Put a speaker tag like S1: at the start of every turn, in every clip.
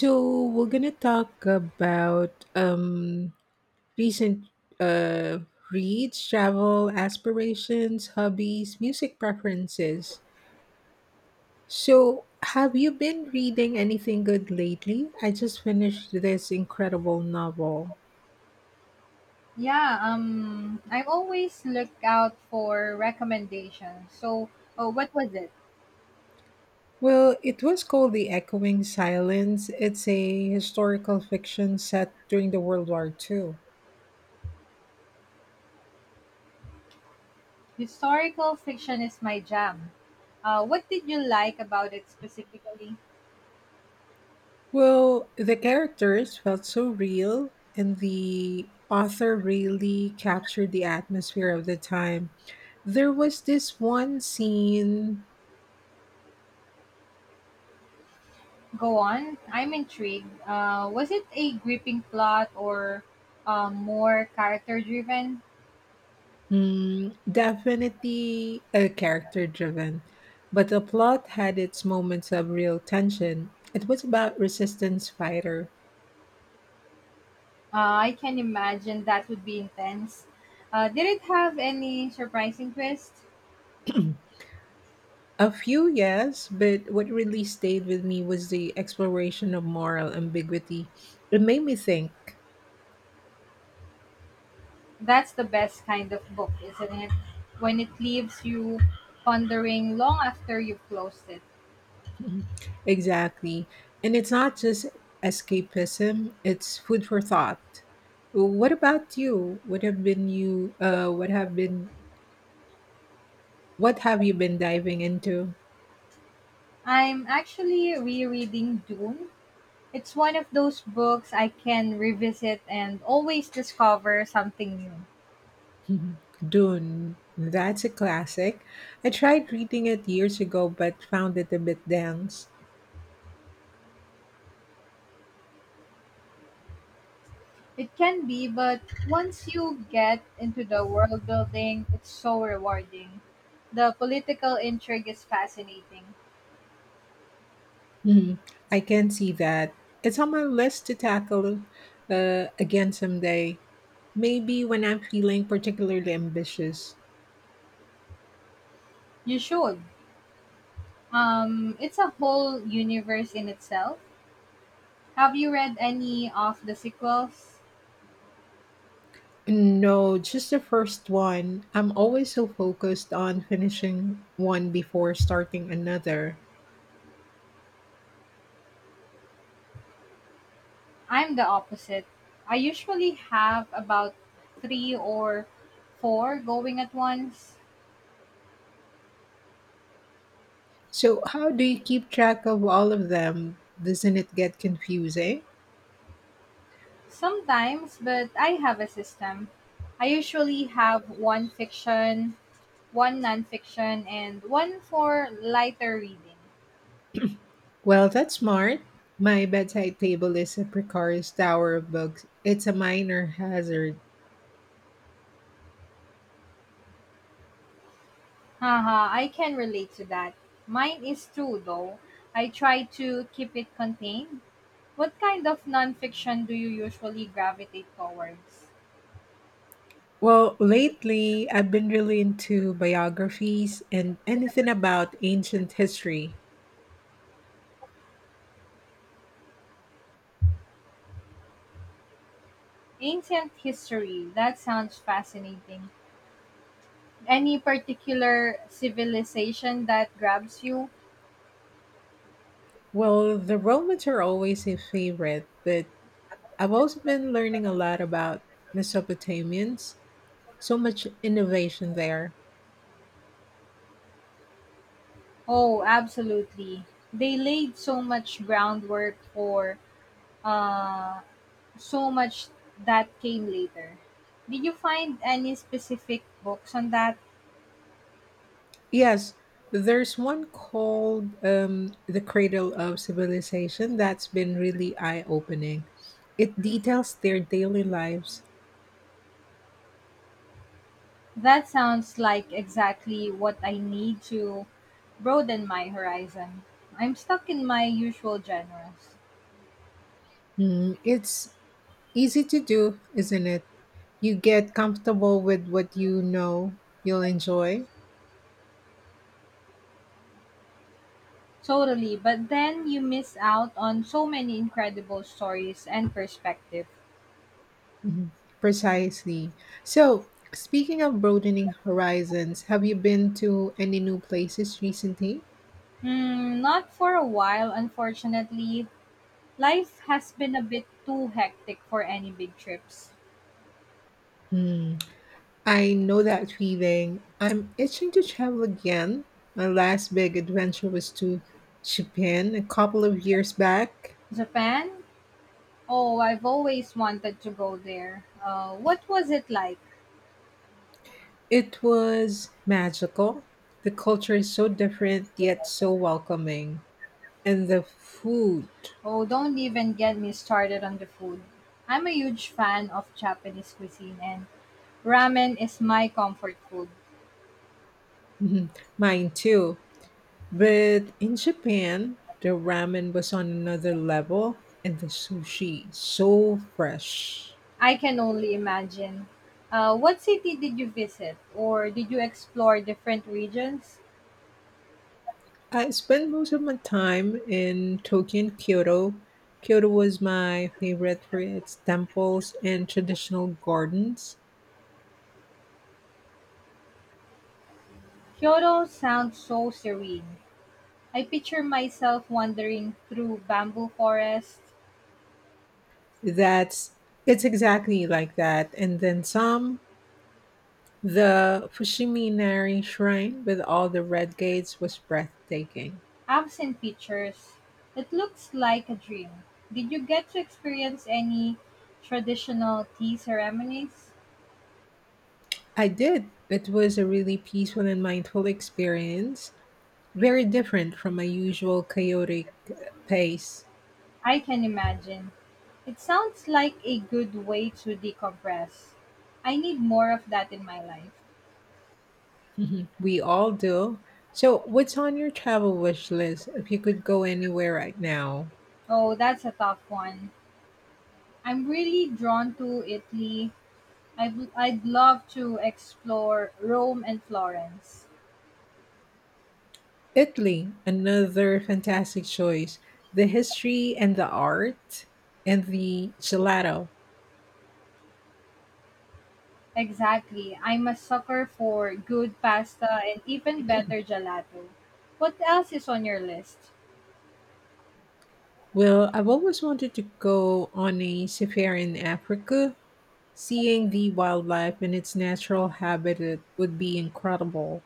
S1: So we're gonna talk about recent reads, travel aspirations, hobbies, music preferences. So have you been reading anything good lately? I just finished this incredible novel.
S2: Yeah, I always look out for recommendations. So, oh, what was it?
S1: Well, it was called The Echoing Silence. It's a historical fiction set during the World War Two.
S2: Historical fiction is my jam. What did you like about it specifically?
S1: Well, the characters felt so real, and the author really captured the atmosphere of the time. There was this one scene,
S2: Go on, I'm intrigued. Was it a gripping plot or more character driven?
S1: hmm, definitely a character driven, but the plot had its moments of real tension. It was about resistance fighter.
S2: I can imagine that would be intense. Did it have any surprising twists?
S1: A few, yes, but what really stayed with me was the exploration of moral ambiguity. It made me think.
S2: That's the best kind of book, isn't it? When it leaves you pondering long after you've closed it.
S1: Mhm. Exactly. And it's not just escapism, it's food for thought. What about you? What have you been diving into?
S2: I'm actually rereading Dune. It's one of those books I can revisit and always discover something new.
S1: Mhm. Dune. That's a classic. I tried reading it years ago but found it a bit dense.
S2: It can be, but once you get into the world building, it's so rewarding. The political intrigue is fascinating.
S1: Mhm. I can see that. It's on my list to tackle again someday. Maybe when I'm feeling particularly ambitious.
S2: You should. It's a whole universe in itself. Have you read any of the sequels?
S1: No, just the first one. I'm always so focused on finishing one before starting another.
S2: I'm the opposite. I usually have about three or four going at once.
S1: So, how do you keep track of all of them? Doesn't it get confusing?
S2: Sometimes, but I have a system. I usually have one fiction, one nonfiction, and one for lighter reading.
S1: Well, that's smart. My bedside table is a precarious tower of books. It's a minor hazard.
S2: Haha, I can relate to that. Mine is true though. I try to keep it contained. What kind of nonfiction do you usually gravitate towards?
S1: Well, lately, I've been really into biographies and anything about ancient history.
S2: Ancient history. That sounds fascinating. Any particular civilization that grabs you?
S1: Well, the Romans are always a favorite, but I've also been learning a lot about Mesopotamians. So much innovation there.
S2: Oh, absolutely. They laid so much groundwork for uh, so much that came later. Did you find any specific books on that?
S1: Yes, there's one called The Cradle of Civilization that's been really eye opening. It details their daily lives.
S2: That sounds like exactly what I need to broaden my horizon. I'm stuck in my usual genres.
S1: Hmm, it's easy to do, isn't it? You get comfortable with what you know you'll enjoy.
S2: Totally, but then you miss out on so many incredible stories and perspective.
S1: Mhm. Precisely. So, speaking of broadening horizons, have you been to any new places recently?
S2: Hmm, not for a while, unfortunately. Life has been a bit too hectic for any big trips.
S1: Hmm. I know that feeling. I'm itching to travel again. My last big adventure was to Japan a couple of years back.
S2: Japan? Oh, I've always wanted to go there. What was it like?
S1: It was magical. The culture is so different yet so welcoming. And the food,
S2: Oh, don't even get me started on the food. I'm a huge fan of Japanese cuisine, and ramen is my comfort food.
S1: Mhm. Mine too. But in Japan, the ramen was on another level and the sushi so fresh.
S2: I can only imagine. What city did you visit, or did you explore different regions?
S1: I spent most of my time in Tokyo and Kyoto. Kyoto was my favorite for its temples and traditional gardens.
S2: Kyoto sounds so serene. I picture myself wandering through bamboo forests,
S1: That's it's exactly like that. And then some, the Fushiminari Shrine with all the red gates was breathtaking.
S2: apps, and pictures. It looks like a dream. Did you get to experience any traditional tea ceremonies?
S1: I did. It was a really peaceful and mindful experience. Very different from my usual chaotic pace.
S2: I can imagine. It sounds like a good way to decompress. I need more of that in my life.
S1: Mhm. We all do. So, what's on your travel wish list if you could go anywhere right now?
S2: Oh, that's a tough one. I'm really drawn to Italy. I'd love to explore Rome and Florence.
S1: Italy, another fantastic choice. The history and the art and the gelato.
S2: Exactly. I'm a sucker for good pasta and even better gelato. What else is on your list?
S1: Well, I've always wanted to go on a safari in Africa. Seeing the wildlife in its natural habitat would be incredible.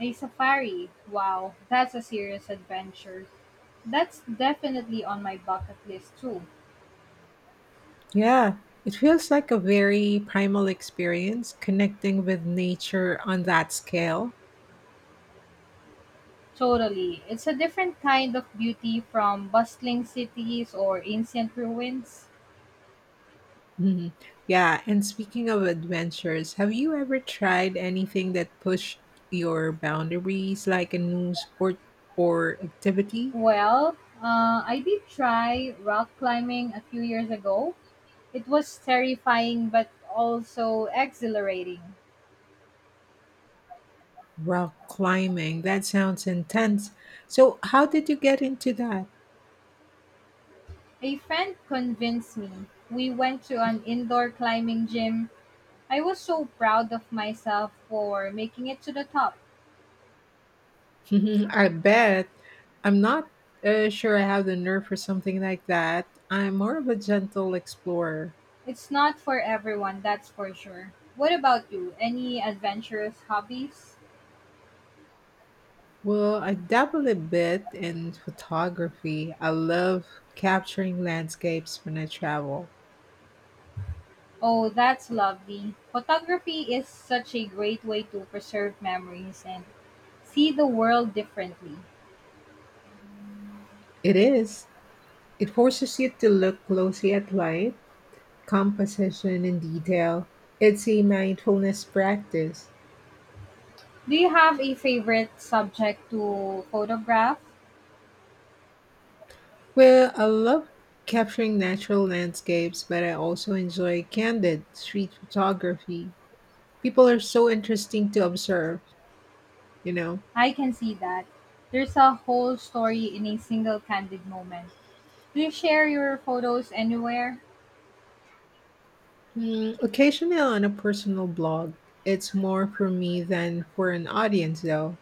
S2: A safari. Wow, that's a serious adventure. That's definitely on my bucket list too.
S1: Yeah, it feels like a very primal experience connecting with nature on that scale.
S2: Totally. It's a different kind of beauty from bustling cities or ancient ruins.
S1: Mhm. Yeah, and speaking of adventures, have you ever tried anything that pushed your boundaries, like a new sport or activity?
S2: Well, I did try rock climbing a few years ago. It was terrifying but also exhilarating.
S1: Rock climbing, that sounds intense. So, how did you get into that?
S2: A friend convinced me. We went to an indoor climbing gym. I was so proud of myself for making it to the top.
S1: Mhm, I bet I'm not sure I have the nerve for something like that. I'm more of a gentle explorer.
S2: It's not for everyone, that's for sure. What about you? Any adventurous hobbies?
S1: Well, I dabble a bit in photography. I love capturing landscapes when I travel.
S2: Oh, that's lovely. Photography is such a great way to preserve memories and see the world differently.
S1: It is. It forces you to look closely at light, composition, and detail. It's a mindfulness practice.
S2: Do you have a favorite subject to photograph?
S1: Well, I love capturing natural landscapes, but I also enjoy candid street photography. People are so interesting to observe, you know.
S2: I can see that. There's a whole story in a single candid moment. Do you share your photos anywhere?
S1: Mm, occasionally on a personal blog. It's more for me than for an audience, though.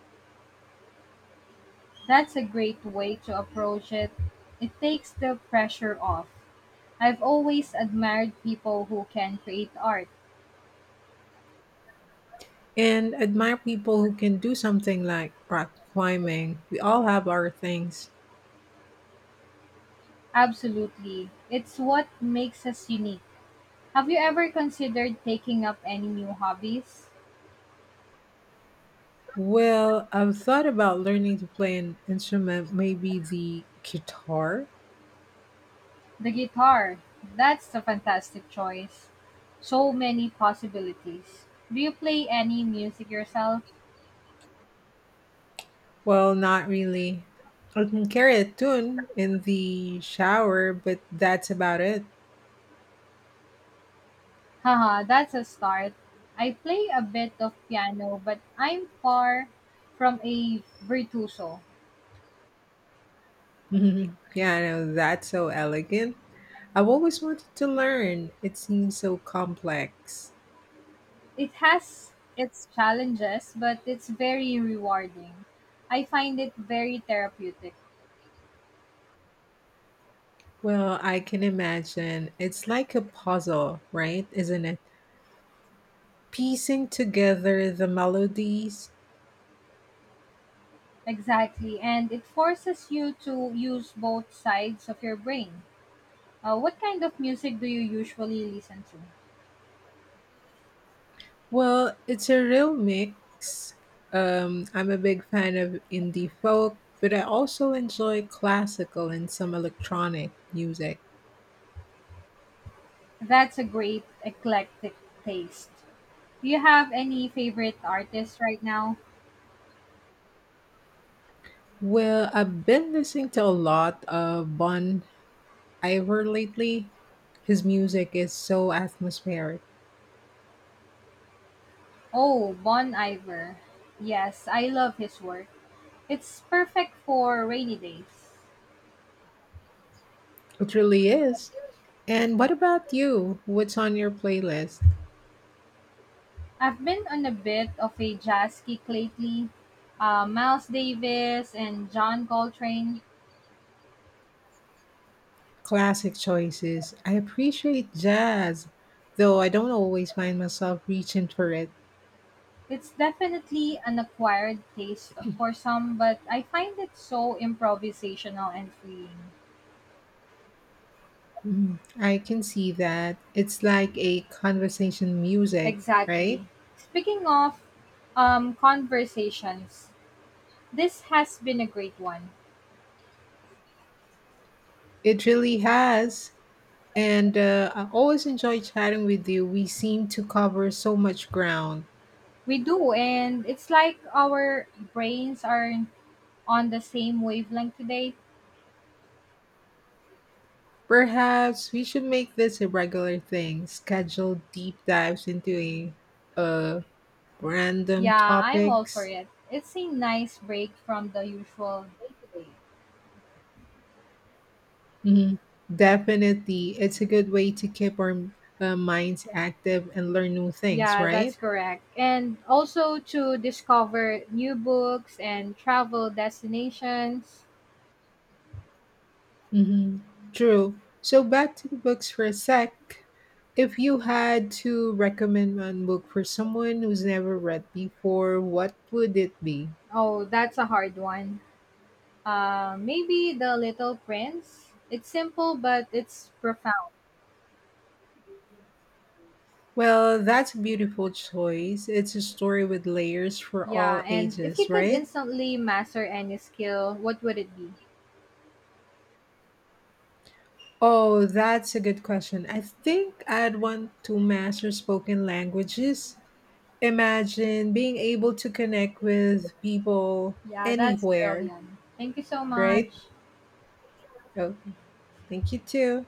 S2: That's a great way to approach it. It takes the pressure off. I've always admired people who can create art.
S1: And admire people who can do something like rock climbing. We all have our things.
S2: Absolutely. It's what makes us unique. Have you ever considered taking up any new hobbies?
S1: Well, I've thought about learning to play an instrument, maybe the guitar.
S2: The guitar. That's a fantastic choice. So many possibilities. Do you play any music yourself?
S1: Well, not really. I can carry a tune in the shower, but that's about it.
S2: Haha, that's a start. I play a bit of piano, but I'm far from a virtuoso.
S1: Yeah, I know that's so elegant. I've always wanted to learn. It seems so complex.
S2: It has its challenges, but it's very rewarding. I find it very therapeutic.
S1: Well, I can imagine. It's like a puzzle, right? Isn't it? Piecing together the melodies.
S2: Exactly, and it forces you to use both sides of your brain. What kind of music do you usually listen to?
S1: Well, it's a real mix. I'm a big fan of indie folk, but I also enjoy classical and some electronic music.
S2: That's a great eclectic taste. Do you have any favorite artists right now?
S1: Well, I've been listening to a lot of Bon Iver lately. His music is so atmospheric.
S2: Oh, Bon Iver. Yes, I love his work. It's perfect for rainy days.
S1: It really is. And what about you? What's on your playlist?
S2: I've been on a bit of a jazz kick lately. Miles Davis and John Coltrane.
S1: Classic choices. I appreciate jazz, though I don't always find myself reaching for it.
S2: It's definitely an acquired taste for some, but I find it so improvisational and freeing.
S1: Mm, I can see that. It's like a conversation music, right?
S2: Exactly. Speaking of conversations, this has been a great one.
S1: It really has. And I always enjoy chatting with you. We seem to cover so much ground.
S2: We do, and it's like our brains are on the same wavelength today.
S1: Perhaps we should make this a regular thing, schedule deep dives into a random
S2: Yeah, I'm all for
S1: topics.
S2: it. It's a nice break from the usual day to day.
S1: Mhm. Definitely. It's a good way to keep our minds active and learn new things,
S2: Yeah,
S1: right?
S2: that's correct. And also to discover new books and travel destinations.
S1: Hmm. True. So back to the books for a sec. If you had to recommend one book for someone who's never read before, what would it be?
S2: Oh, that's a hard one. Maybe The Little Prince. It's simple, but it's profound.
S1: Well, that's a beautiful choice. It's a story with layers for all
S2: Yeah, and if
S1: ages,
S2: you could
S1: right?
S2: instantly master any skill, what would it be?
S1: Oh, that's a good question. I think I'd want to master spoken languages. Imagine being able to connect with people
S2: Yeah, that's
S1: anywhere,
S2: brilliant. Thank you so
S1: right?
S2: much.
S1: Okay. Thank you too.